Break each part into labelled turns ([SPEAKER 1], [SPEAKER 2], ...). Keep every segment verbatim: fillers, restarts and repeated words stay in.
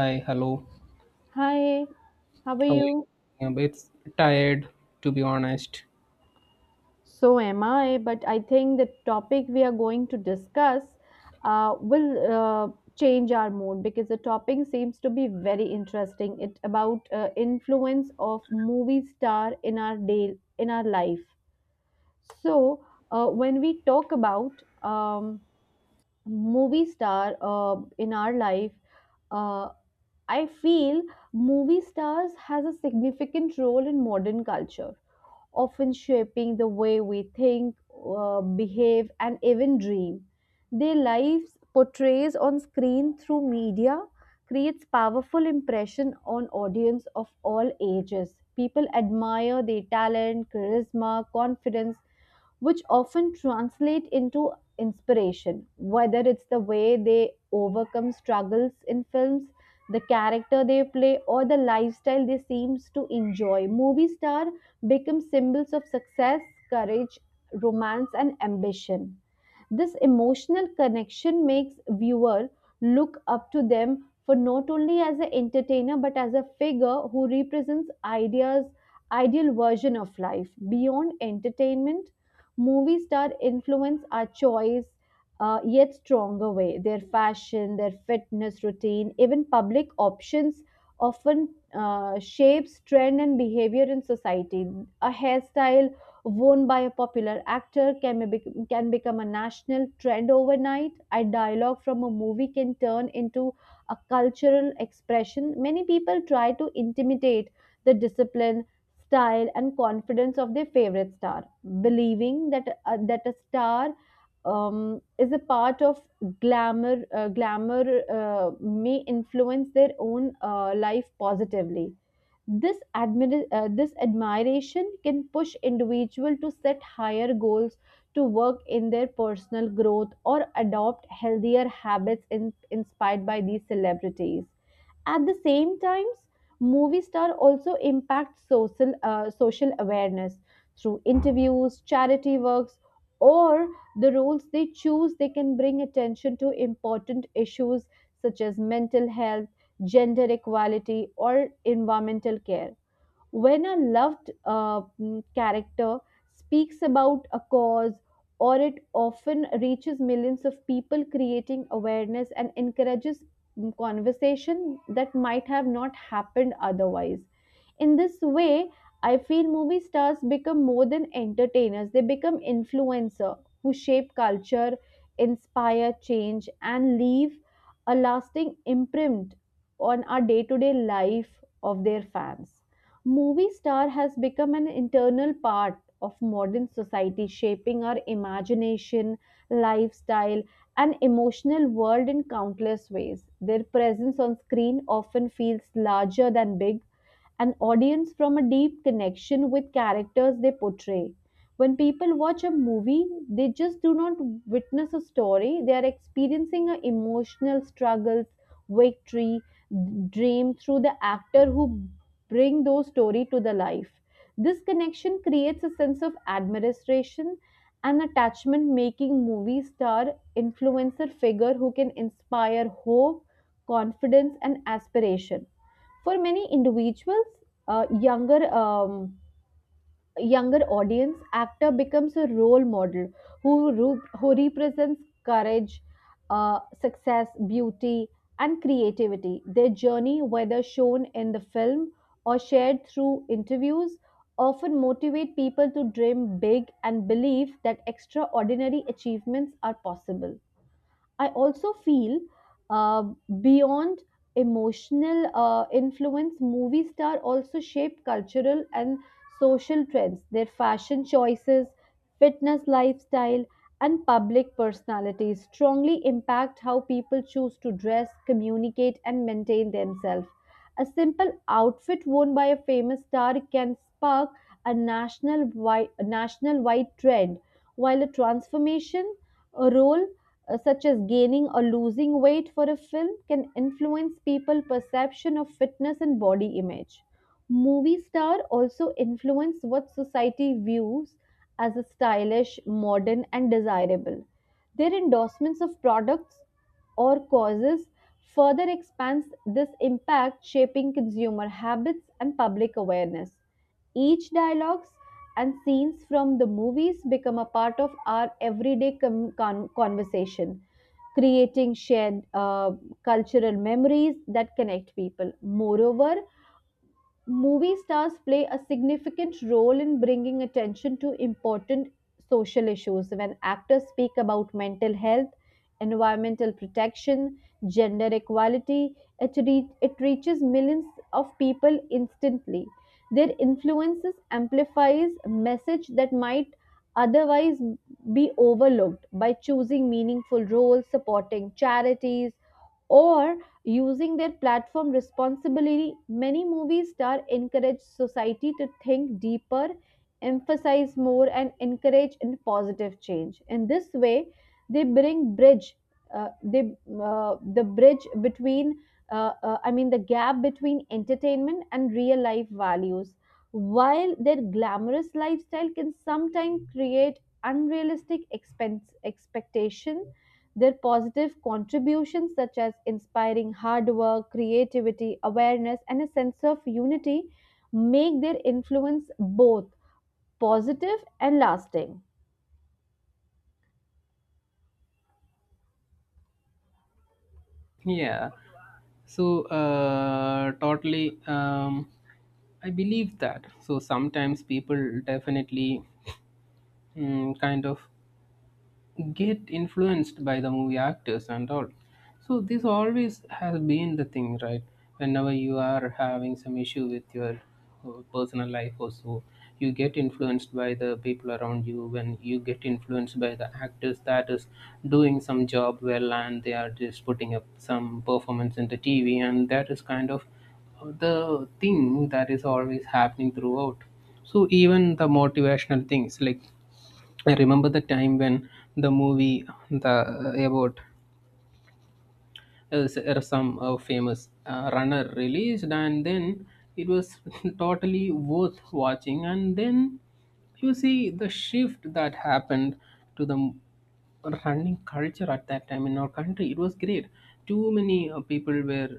[SPEAKER 1] Hi, hello.
[SPEAKER 2] Hi, how are
[SPEAKER 1] How are you?
[SPEAKER 2] you?
[SPEAKER 1] I'm a bit tired, to be honest.
[SPEAKER 2] So am I, but I think the topic we are going to discuss uh, will uh, change our mood because the topic seems to be very interesting. It about uh, influence of movie star in our day in our life. So uh, when we talk about um, movie star uh, in our life, uh, I feel movie stars has a significant role in modern culture often shaping the way we think, uh, behave, and even dream. Their lives portrays on screen through media creates powerful impression on audience of all ages. People admire their talent, charisma, confidence, which often translate into inspiration whether it's the way they overcome struggles in films the character they play or the lifestyle they seems to enjoy movie star become symbols of success, courage, romance, and ambition. This emotional connection makes viewer look up to them for not only as an entertainer but as a figure who represents ideas ideal version of life beyond entertainment movie star influence our choice uh, yet stronger way their fashion their fitness routine even public options often uh, shapes trend and behavior in society. A hairstyle worn by a popular actor can, be, can become a national trend overnight. A dialogue from a movie can turn into a cultural expression. Many people try to intimidate the discipline, style, and confidence of their favorite star, believing that, uh, that a star um, is a part of glamour uh, glamour uh, may influence their own uh, life positively. This admira- uh, this admiration can push individual to set higher goals to work in their personal growth or adopt healthier habits in- inspired by these celebrities at the same times movie star also impacts social uh, social awareness through interviews charity works or the roles they choose they can bring attention to important issues such as mental health, gender equality or environmental care. When a loved uh, mm, character speaks about a cause or it often reaches millions of people, creating awareness and encourages mm, conversation that might have not happened otherwise. In this way, I feel movie stars become more than entertainers, they become influencers who shape culture, inspire change, and leave a lasting imprint on our day to day life of their fans. Movie star has become an internal part of modern society, shaping our imagination, lifestyle, and emotional world in countless ways. Their presence on screen often feels larger than big, an audience from a deep connection with characters they portray. When people watch a movie, they just do not witness a story, they are experiencing a emotional struggles, victory, dream through the actor who bring those story to the life. This connection creates a sense of admiration and attachment, making movie star influencer figure who can inspire hope, confidence, and aspiration. For many individuals, uh, younger um, younger audience, actor becomes a role model who ru- who represents courage, uh, success, beauty, and creativity. Their journey, whether shown in the film or shared through interviews, often motivate people to dream big and believe that extraordinary achievements are possible. I also feel uh, beyond emotional uh, influence, movie star also shape cultural and social trends. Their fashion choices, fitness lifestyle, and public personalities strongly impact how people choose to dress, communicate, and maintain themselves. A simple outfit worn by a famous star can spark a national wide, national wide trend, while a transformation a role uh, such as gaining or losing weight for a film, can influence people's perception of fitness and body image. Movie stars also influence what society views as a stylish, modern, and desirable. Their endorsements of products or causes further expands this impact, shaping consumer habits and public awareness. Each dialogues and scenes from the movies become a part of our everyday com- con- conversation, creating shared uh, cultural memories that connect people. Moreover, movie stars play a significant role in bringing attention to important social issues. When actors speak about mental health, environmental protection, gender equality, it, re- it reaches millions of people instantly. Their influences amplifies message that might otherwise be overlooked by choosing meaningful roles, supporting charities, or using their platform responsibly, many movie stars encourage society to think deeper, emphasize more, and encourage in positive change. In this way, they bring bridge, uh, they, uh, the bridge between, uh, uh, I mean, the gap between entertainment and real life values. While their glamorous lifestyle can sometimes create unrealistic expense expectation their positive contributions, such as inspiring hard work, creativity, awareness, and a sense of unity, make their influence both positive and lasting.
[SPEAKER 1] Yeah. So, uh, totally, um, I believe that. So, sometimes people definitely mm, kind of get influenced by the movie actors and all. So this always has been the thing, right? Whenever you are having some issue with your uh, personal life or so, you get influenced by the people around you. When you get influenced by the actors that is doing some job well and they are just putting up some performance in the T V, and that is kind of uh, the thing that is always happening throughout. So even the motivational things like I remember the time when the movie the about uh, s- uh, some uh, famous uh, runner released, and then it was totally worth watching. And then you see the shift that happened to the m- running culture at that time in our country. It was great. Too many uh, people were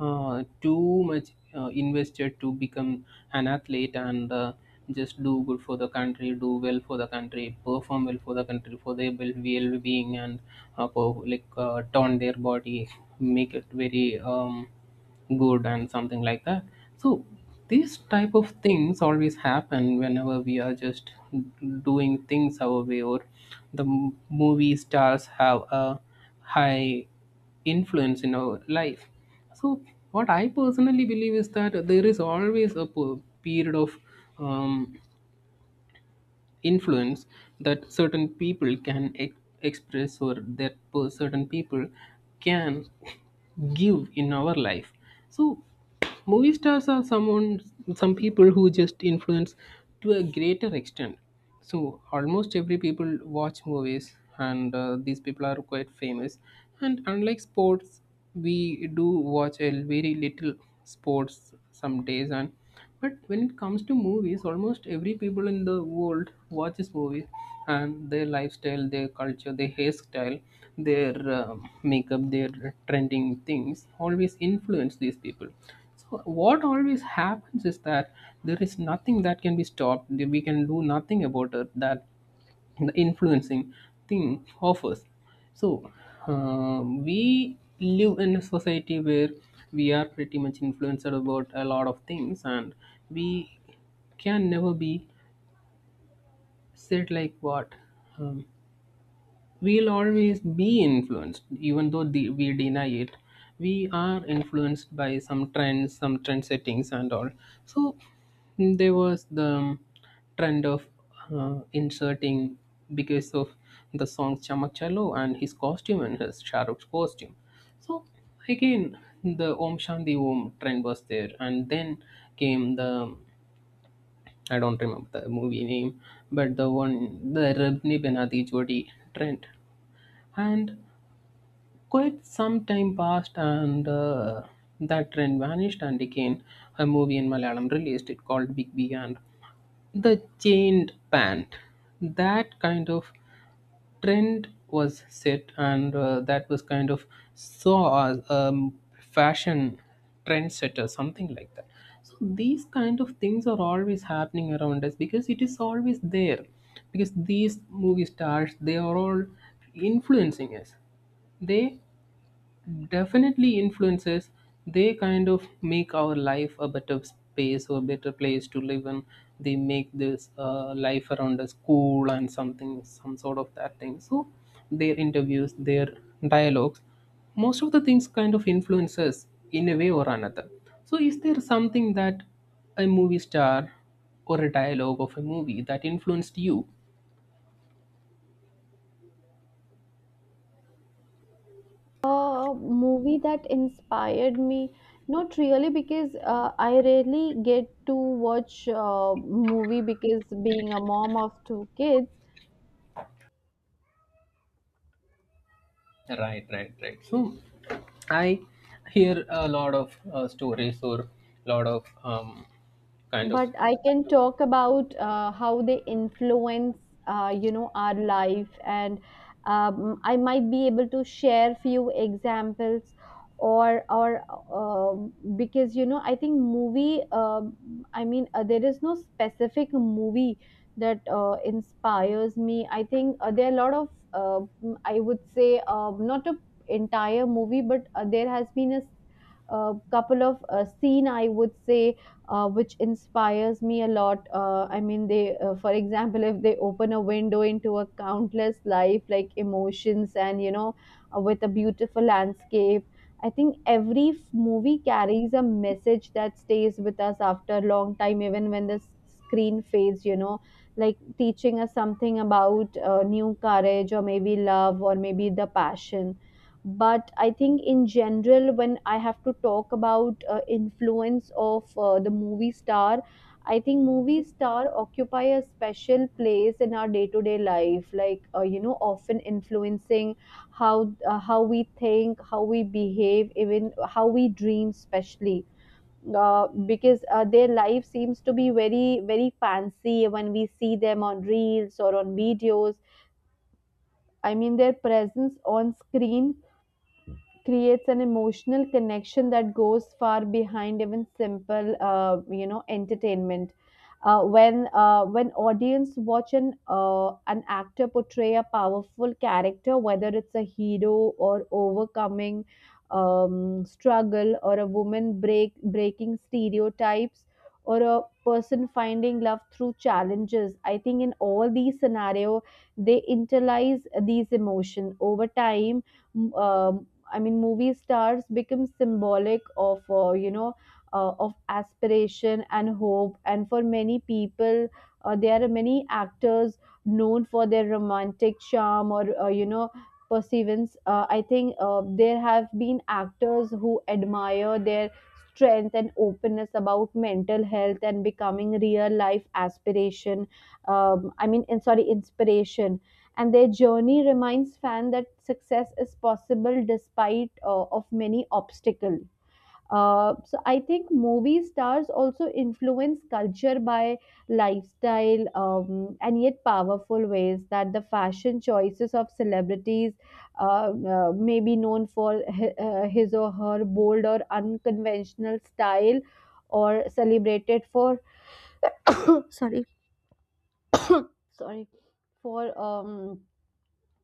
[SPEAKER 1] uh, too much uh, invested to become an athlete. And. Uh, just do good for the country, do well for the country, perform well for the country, for their well being, and uh, per- like uh, tone their body, make it very um, good and something like that. So these type of things always happen whenever we are just doing things our way, or the m- movie stars have a high influence in our life. So, what I personally believe is that there is always a per- period of um, influence that certain people can ex- express, or that per- certain people can give in our life. So movie stars are someone, some people who just influence to a greater extent. So almost every people watch movies, and uh, these people are quite famous, and unlike sports, we do watch a very little sports some days. And but when it comes to movies, almost every people in the world watches movies, and their lifestyle, their culture, their hairstyle, their uh, makeup, their trending things always influence these people. So what always happens is that there is nothing that can be stopped. We can do nothing about it. That the influencing thing of us. So um, we live in a society where we are pretty much influenced about a lot of things, and we can never be said like what. Um, We'll always be influenced, even though the, we deny it. We are influenced by some trends, some trend settings, and all. So mm, there was the trend of uh, inserting because of the song Chamak Chalo and his costume and his Shahrukh's costume. So again, the Om Shanti Om trend was there, and then came the, I don't remember the movie name, but the one, the Rab Ne Bana Di Jodi trend. And quite some time passed, and uh, that trend vanished. And again, a movie in Malayalam released, it called Big B and the Chained Pant. That kind of trend was set, and uh, that was kind of saw as um, fashion trendsetter, something like that. So these kind of things are always happening around us because it is always there. Because these movie stars, they are all influencing us. They definitely influences, they kind of make our life a better space or better place to live in. They make this uh, life around us cool and something, some sort of that thing. So their interviews, their dialogues, most of the things kind of influence us in a way or another. So is there something that a movie star or a dialogue of a movie that influenced you?
[SPEAKER 2] A movie that inspired me, not really because uh, I rarely get to watch a movie because being a mom of two kids,
[SPEAKER 1] Right, right, right. So I hear a lot of uh, stories or lot of um, kind of.
[SPEAKER 2] but I can talk about uh, how they influence uh, you know our life and um, I might be able to share few examples or or um because you know I think movie um I mean uh, there is no specific movie that uh, inspires me. I think uh, there are a lot of uh, mm, I would say um, not a entire movie but uh, there has been a s- a couple of uh, scene I would say uh, which inspires me a lot. Uh, I mean, they, uh, for example, if they open a window into a countless life, like emotions, and you know, uh, with a beautiful landscape. I think every f- movie carries a message that stays with us after a long time, even when the s- screen fades. You know, like teaching us something about uh, new courage, or maybe love, or maybe the passion. But I think in general when I have to talk about uh, influence of uh, the movie star, I think movie star occupy a special place in our day to day life, like uh, you know often influencing how uh, how we think, how we behave, even how we dream, especially uh, because uh, their life seems to be very very fancy when we see them on reels or on videos. I mean, their presence on screen creates an emotional connection that goes far behind even simple uh, you know entertainment. Uh, when uh, when audience watch an uh, an actor portray a powerful character whether it's a hero or overcoming um, struggle or a woman break breaking stereotypes or a person finding love through challenges, I think in all these scenario they internalize these emotion over time. m- um, I mean, movie stars become symbolic of, uh, you know, uh, of aspiration and hope. And for many people, uh, there are many actors known for their romantic charm or, uh, you know, perseverance. Uh, I think uh, there have been actors who admire their strength and openness about mental health and becoming real life aspiration, um, I mean in, sorry, inspiration. And their journey reminds fans that success is possible despite uh, of many obstacles. Uh, so I think movie stars also influence culture by lifestyle um, and yet powerful ways that the fashion choices of celebrities uh, uh, may be known for hi- uh, his or her bold or unconventional style or celebrated for sorry for um,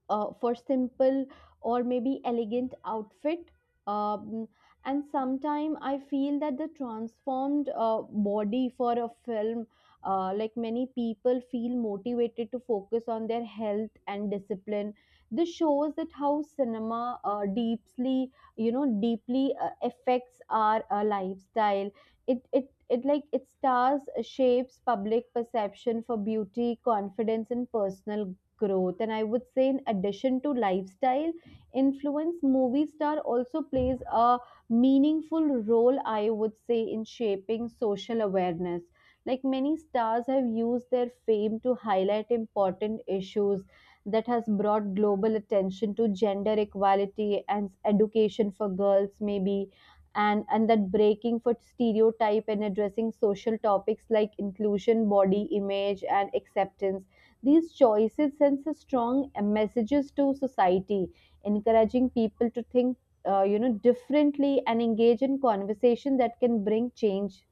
[SPEAKER 2] uh, for simple or maybe elegant outfit. um, and sometime I feel that the transformed uh, body for a film, uh, like many people feel motivated to focus on their health and discipline. This shows that how cinema uh, deeply, you know, deeply uh, affects our uh, lifestyle. It it it like it stars uh, shapes public perception for beauty, confidence and personal growth. And I would say in addition to lifestyle influence, movie star also plays a meaningful role I would say in shaping social awareness, like many stars have used their fame to highlight important issues that has brought global attention to gender equality and education for girls maybe, and and that breaking for stereotype and addressing social topics like inclusion, body image and acceptance. These choices sends a strong uh, messages to society, encouraging people to think, uh, you know, differently and engage in conversation that can bring change.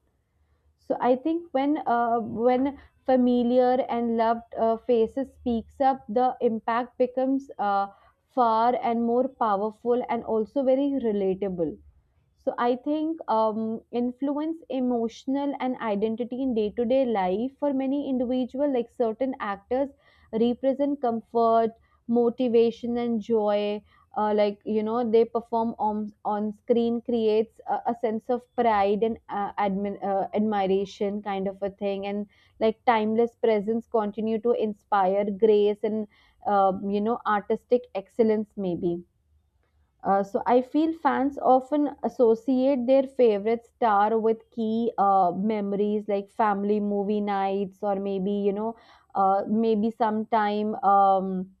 [SPEAKER 2] So I think when uh, when familiar and loved uh, faces speaks up, the impact becomes uh, far and more powerful and also very relatable. So I think um, influence emotional and identity in day-to-day life for many individual, like certain actors, represent comfort, motivation, and joy. Uh, like you know, they perform on on screen creates a, a sense of pride and uh, admin, uh, admiration, kind of a thing, and like timeless presence continue to inspire grace and um, you know artistic excellence maybe. Uh, so I feel fans often associate their favorite star with key uh, memories like family movie nights or maybe you know uh, maybe sometime um,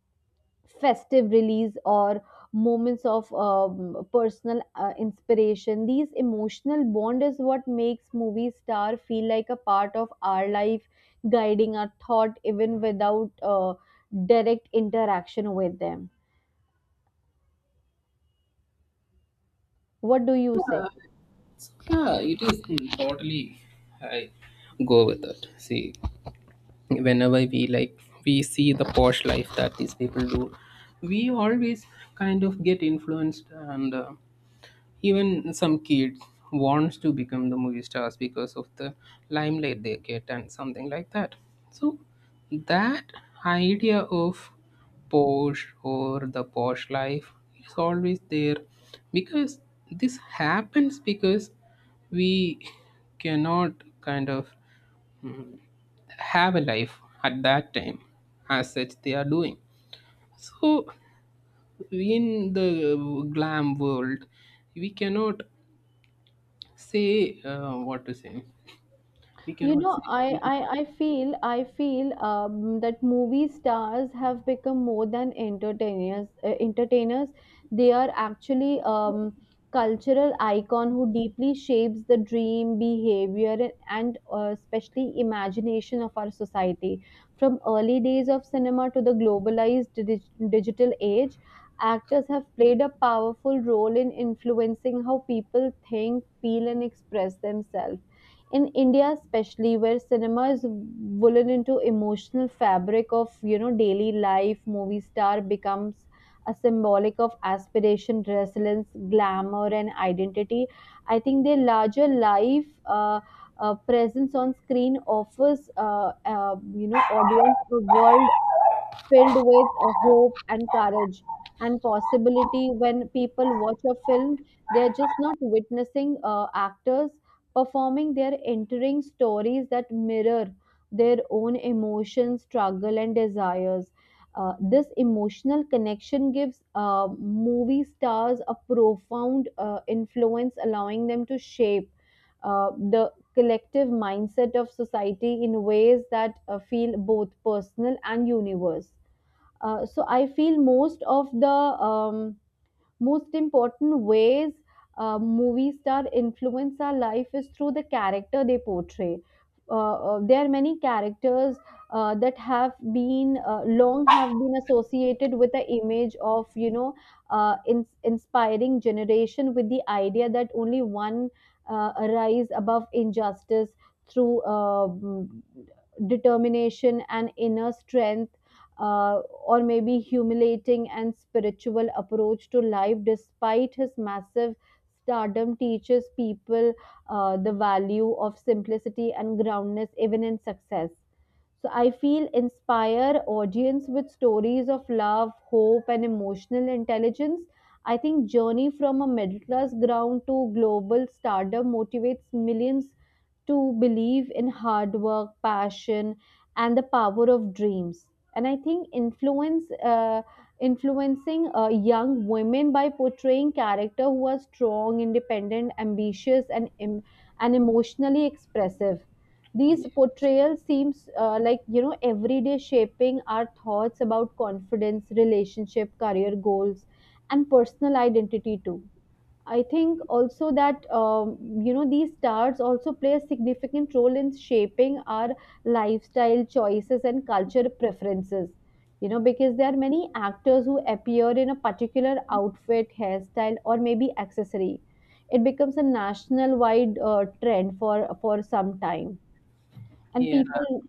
[SPEAKER 2] festive release or moments of um, personal uh, inspiration. These emotional bond is what makes movie star feel like a part of our life, guiding our thought even without uh, direct interaction with them. What do you say?
[SPEAKER 1] Yeah, it is totally. I go with it. See, whenever we like, we see the posh life that these people do, we always kind of get influenced, and uh, even some kids wants to become the movie stars because of the limelight they get and something like that. So that idea of posh or the posh life is always there because this happens because we cannot kind of have a life at that time as such they are doing. So in the glam world, we cannot say uh, what to say. We
[SPEAKER 2] You know
[SPEAKER 1] cannot say.
[SPEAKER 2] I I, I feel I feel um, that movie stars have become more than entertainers uh, entertainers They are actually um, cultural icon who deeply shapes the dream behavior and, and uh, especially imagination of our society. From early days of cinema to the globalized dig- digital age, actors have played a powerful role in influencing how people think, feel, and express themselves. In india especially where cinema is woven into emotional fabric of you know daily life, movie star becomes a symbolic of aspiration, resilience, glamour, and identity. I think their larger life uh, uh, presence on screen offers uh, uh, you know audience a world filled with uh, hope and courage and possibility. When people watch a film, they're just not witnessing uh, actors performing, they're entering stories that mirror their own emotions, struggle, and desires. Uh, this emotional connection gives uh, movie stars a profound uh, influence, allowing them to shape uh, the collective mindset of society in ways that uh, feel both personal and universe. Uh, so I feel most of the um, most important ways uh, movie star influence our life is through the character they portray. Uh, uh, there are many characters uh, that have been uh, long have been associated with the image of you know uh, in- inspiring generation with the idea that only one uh, rise above injustice through uh, mm, determination and inner strength, uh, or maybe humiliating and spiritual approach to life. Despite his massive stardom, teaches people uh, the value of simplicity and groundness even in success. So I feel inspire audience with stories of love, hope, and emotional intelligence. I think journey from a middle class ground to global stardom motivates millions to believe in hard work, passion, and the power of dreams. And I think influence, uh, influencing uh, young women by portraying character who are strong, independent, ambitious, and em- and emotionally expressive. These portrayals seems uh, like you know everyday shaping our thoughts about confidence, relationship, career goals, and personal identity too. I think also that um, you know these stars also play a significant role in shaping our lifestyle choices and culture preferences. You know because there are many actors who appear in a particular outfit, hairstyle, or maybe accessory. It becomes a national wide uh, trend for for some time and
[SPEAKER 1] Yeah.
[SPEAKER 2] people.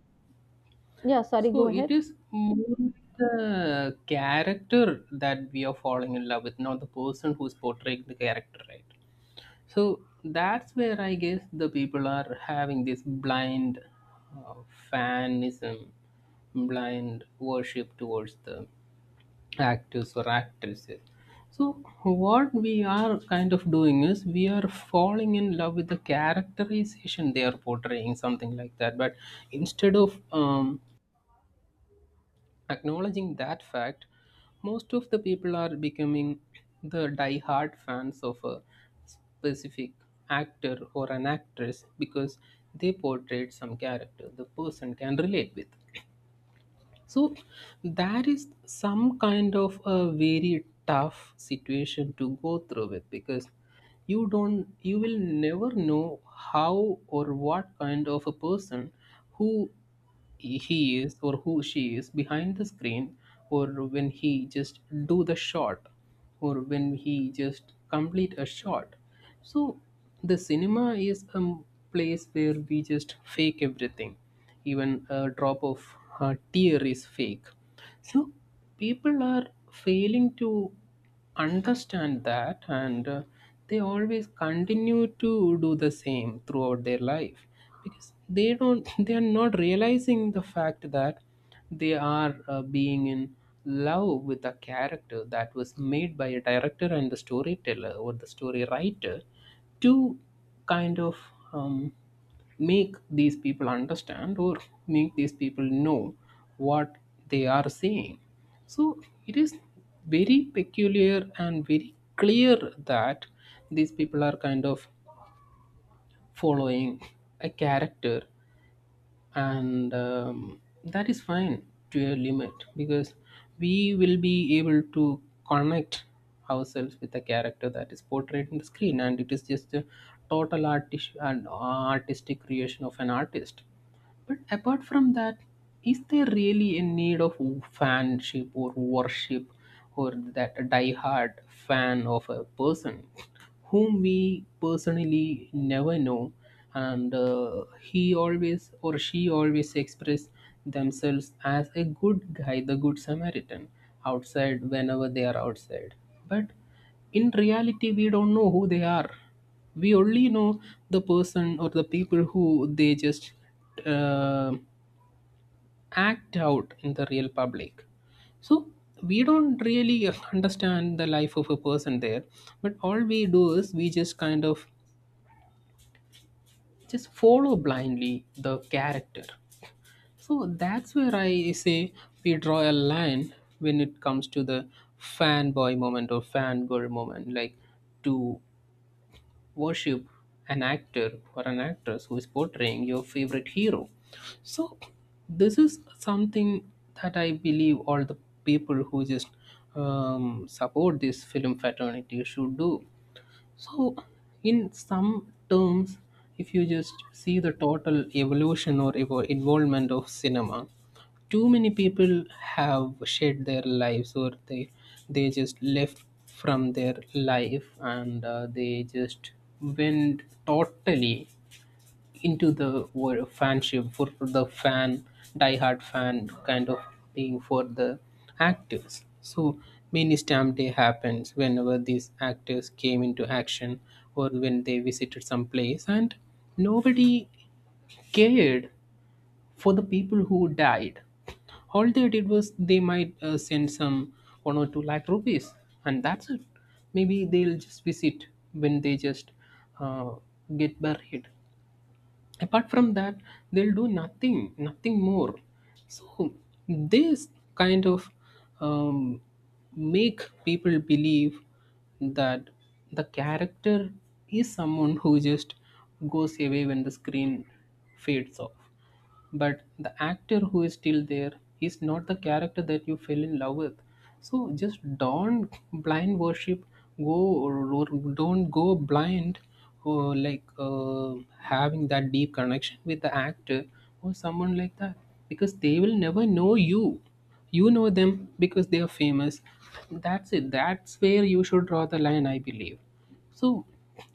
[SPEAKER 2] Yeah, sorry,
[SPEAKER 1] So
[SPEAKER 2] go ahead.
[SPEAKER 1] it is more the character that we are falling in love with, not the person who's portraying the character, right? So that's where I guess the people are having this blind uh, fanism, blind worship towards the actors or actresses. So, what we are kind of doing is we are falling in love with the characterization they are portraying, something like that. But instead of um, acknowledging that fact, most of the people are becoming the die-hard fans of a specific actor or an actress because they portrayed some character the person can relate with. So that is some kind of a very tough situation to go through with because you don't you will never know how or what kind of a person who he is or who she is behind the screen, or when he just do the shot, or when he just complete a shot. So the cinema is a m- place where we just fake everything, even a drop of a tear is fake. So people are failing to understand that, and uh, they always continue to do the same throughout their life because they don't they are not realizing the fact that they are uh, being in love with a character that was made by a director and the storyteller or the story writer to kind of um, make these people understand or make these people know what they are saying. So it is very peculiar and very clear that these people are kind of following a character, and um, that is fine to a limit because we will be able to connect ourselves with the character that is portrayed in the screen, and it is just a total artis- and artistic creation of an artist. But apart from that, is there really a need of fanship or worship, or that die-hard fan of a person whom we personally never know, and uh, he always or she always express themselves as a good guy, the good Samaritan outside whenever they are outside. But in reality, we don't know who they are. We only know the person or the people who they just uh, act out in the real public. So we don't really understand the life of a person there, but all we do is we just kind of just follow blindly the character. So that's where I say we draw a line when it comes to the fanboy moment or fangirl moment, like to worship an actor or an actress who is portraying your favorite hero. So this is something that I believe all the people who just um, support this film fraternity should do. So, in some terms, if you just see the total evolution or evo- involvement of cinema, too many people have shed their lives, or they they just left from their life, and uh, they just went totally into the were fanship for the fan, diehard fan kind of being for the actors. So mini stamp day happens whenever these actors came into action or when they visited some place, and nobody cared for the people who died. All they did was they might uh, send some one or two lakh rupees, and that's it. Maybe they'll just visit when they just uh, get buried. Apart from that, they'll do nothing nothing more. So this kind of um, make people believe that the character is someone who just goes away when the screen fades off, but the actor who is still there is not the character that you fell in love with. So just don't blind worship, go or, or don't go blind, or like uh, having that deep connection with the actor or someone like that, because they will never know you, you know them because they are famous. That's it. That's where you should draw the line, I believe. So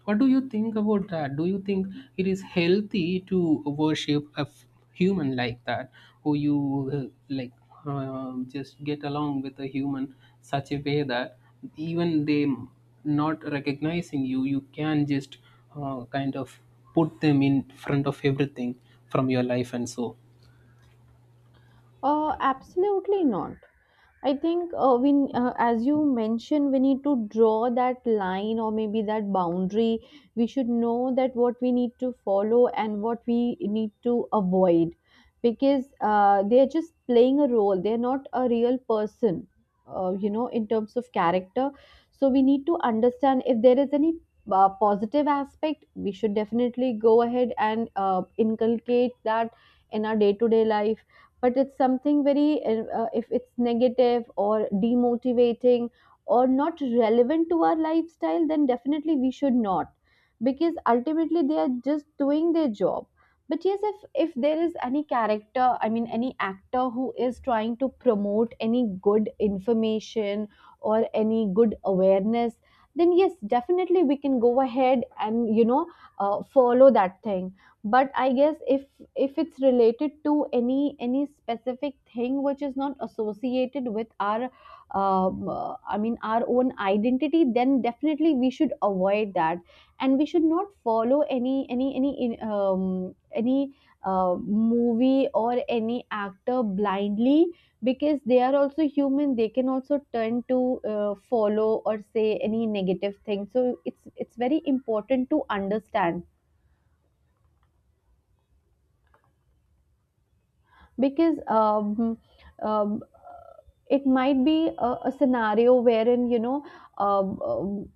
[SPEAKER 1] what do you think about that? Do you think it is healthy to worship a f- human like that, who you uh, like uh, just get along with a human such a way that even they m- not recognizing you, you can just uh, kind of put them in front of everything from your life and so.
[SPEAKER 2] Uh, absolutely not. I think uh, when, uh, as you mentioned, we need to draw that line or maybe that boundary. We should know that what we need to follow and what we need to avoid, because uh, they are just playing a role. They are not a real person, uh, you know, in terms of character. So we need to understand if there is any uh, positive aspect. We should definitely go ahead and uh, inculcate that in our day-to-day life, but it's something very uh, uh, if it's negative or demotivating or not relevant to our lifestyle, then definitely we should not, because ultimately they are just doing their job. But yes, if if there is any character, I mean any actor who is trying to promote any good information or any good awareness, then yes definitely we can go ahead and you know uh, follow that thing. But I guess if if it's related to any any specific thing which is not associated with our um, uh, I mean our own identity, then definitely we should avoid that. And we should not follow any any any in- um, any uh, movie or any actor blindly, because they are also human, they can also turn to uh, follow or say any negative thing. So it's it's very important to understand, because um, um, it might be a, a scenario wherein you know um, um,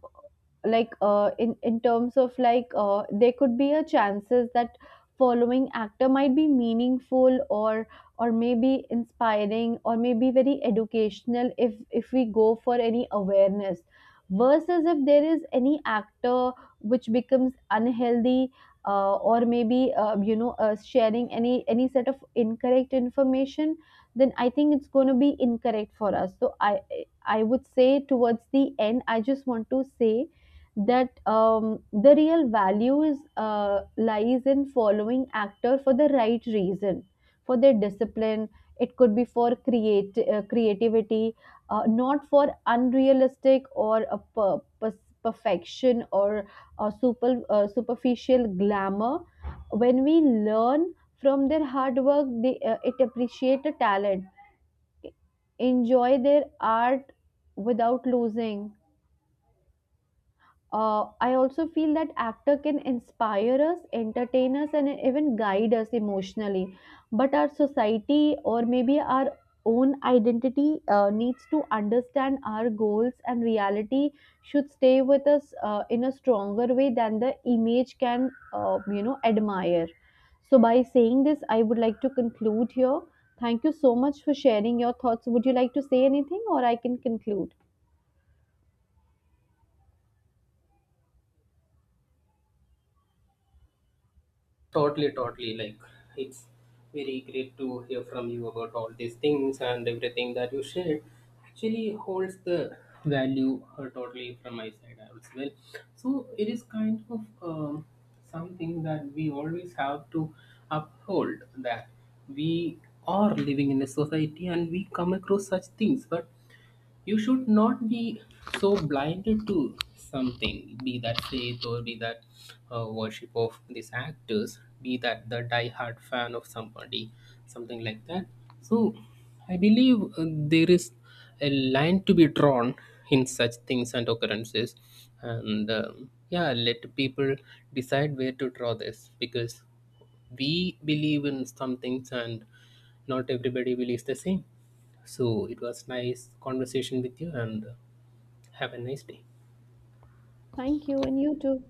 [SPEAKER 2] like uh, in in terms of like uh, there could be a chances that following actor might be meaningful or or maybe inspiring or maybe very educational if if we go for any awareness, versus if there is any actor which becomes unhealthy, uh, or maybe uh, you know uh, sharing any any set of incorrect information, then I think it's going to be incorrect for us. So I I would say towards the end, I just want to say that um, the real value is uh, lies in following actor for the right reason, for their discipline. It could be for create uh, creativity, uh, not for unrealistic or a per- per- perfection or a super uh, superficial glamour. When we learn from their hard work, they uh, it appreciate the talent, enjoy their art without losing. uh, I also feel that actor can inspire us, entertain us, and even guide us emotionally. But our society or maybe our own identity uh, needs to understand our goals, and reality should stay with us uh, in a stronger way than the image can, uh, you know, admire. So by saying this, I would like to conclude here. Thank you so much for sharing your thoughts. Would you like to say anything, or I can conclude?
[SPEAKER 1] Totally, totally. Like, it's very great to hear from you about all these things and everything that you shared. Actually, holds the value uh, totally from my side as well. So, it is kind of um, something that we always have to uphold that we are living in a society and we come across such things, but you should not be so blinded to something, be that faith or be that uh, worship of these actors, be that the die-hard fan of somebody, something like that. So I believe uh, there is a line to be drawn in such things and occurrences. And um, yeah, let people decide where to draw this because we believe in some things and not everybody believes the same. So it was nice conversation with you, and uh, have a nice day.
[SPEAKER 2] Thank you, and you too.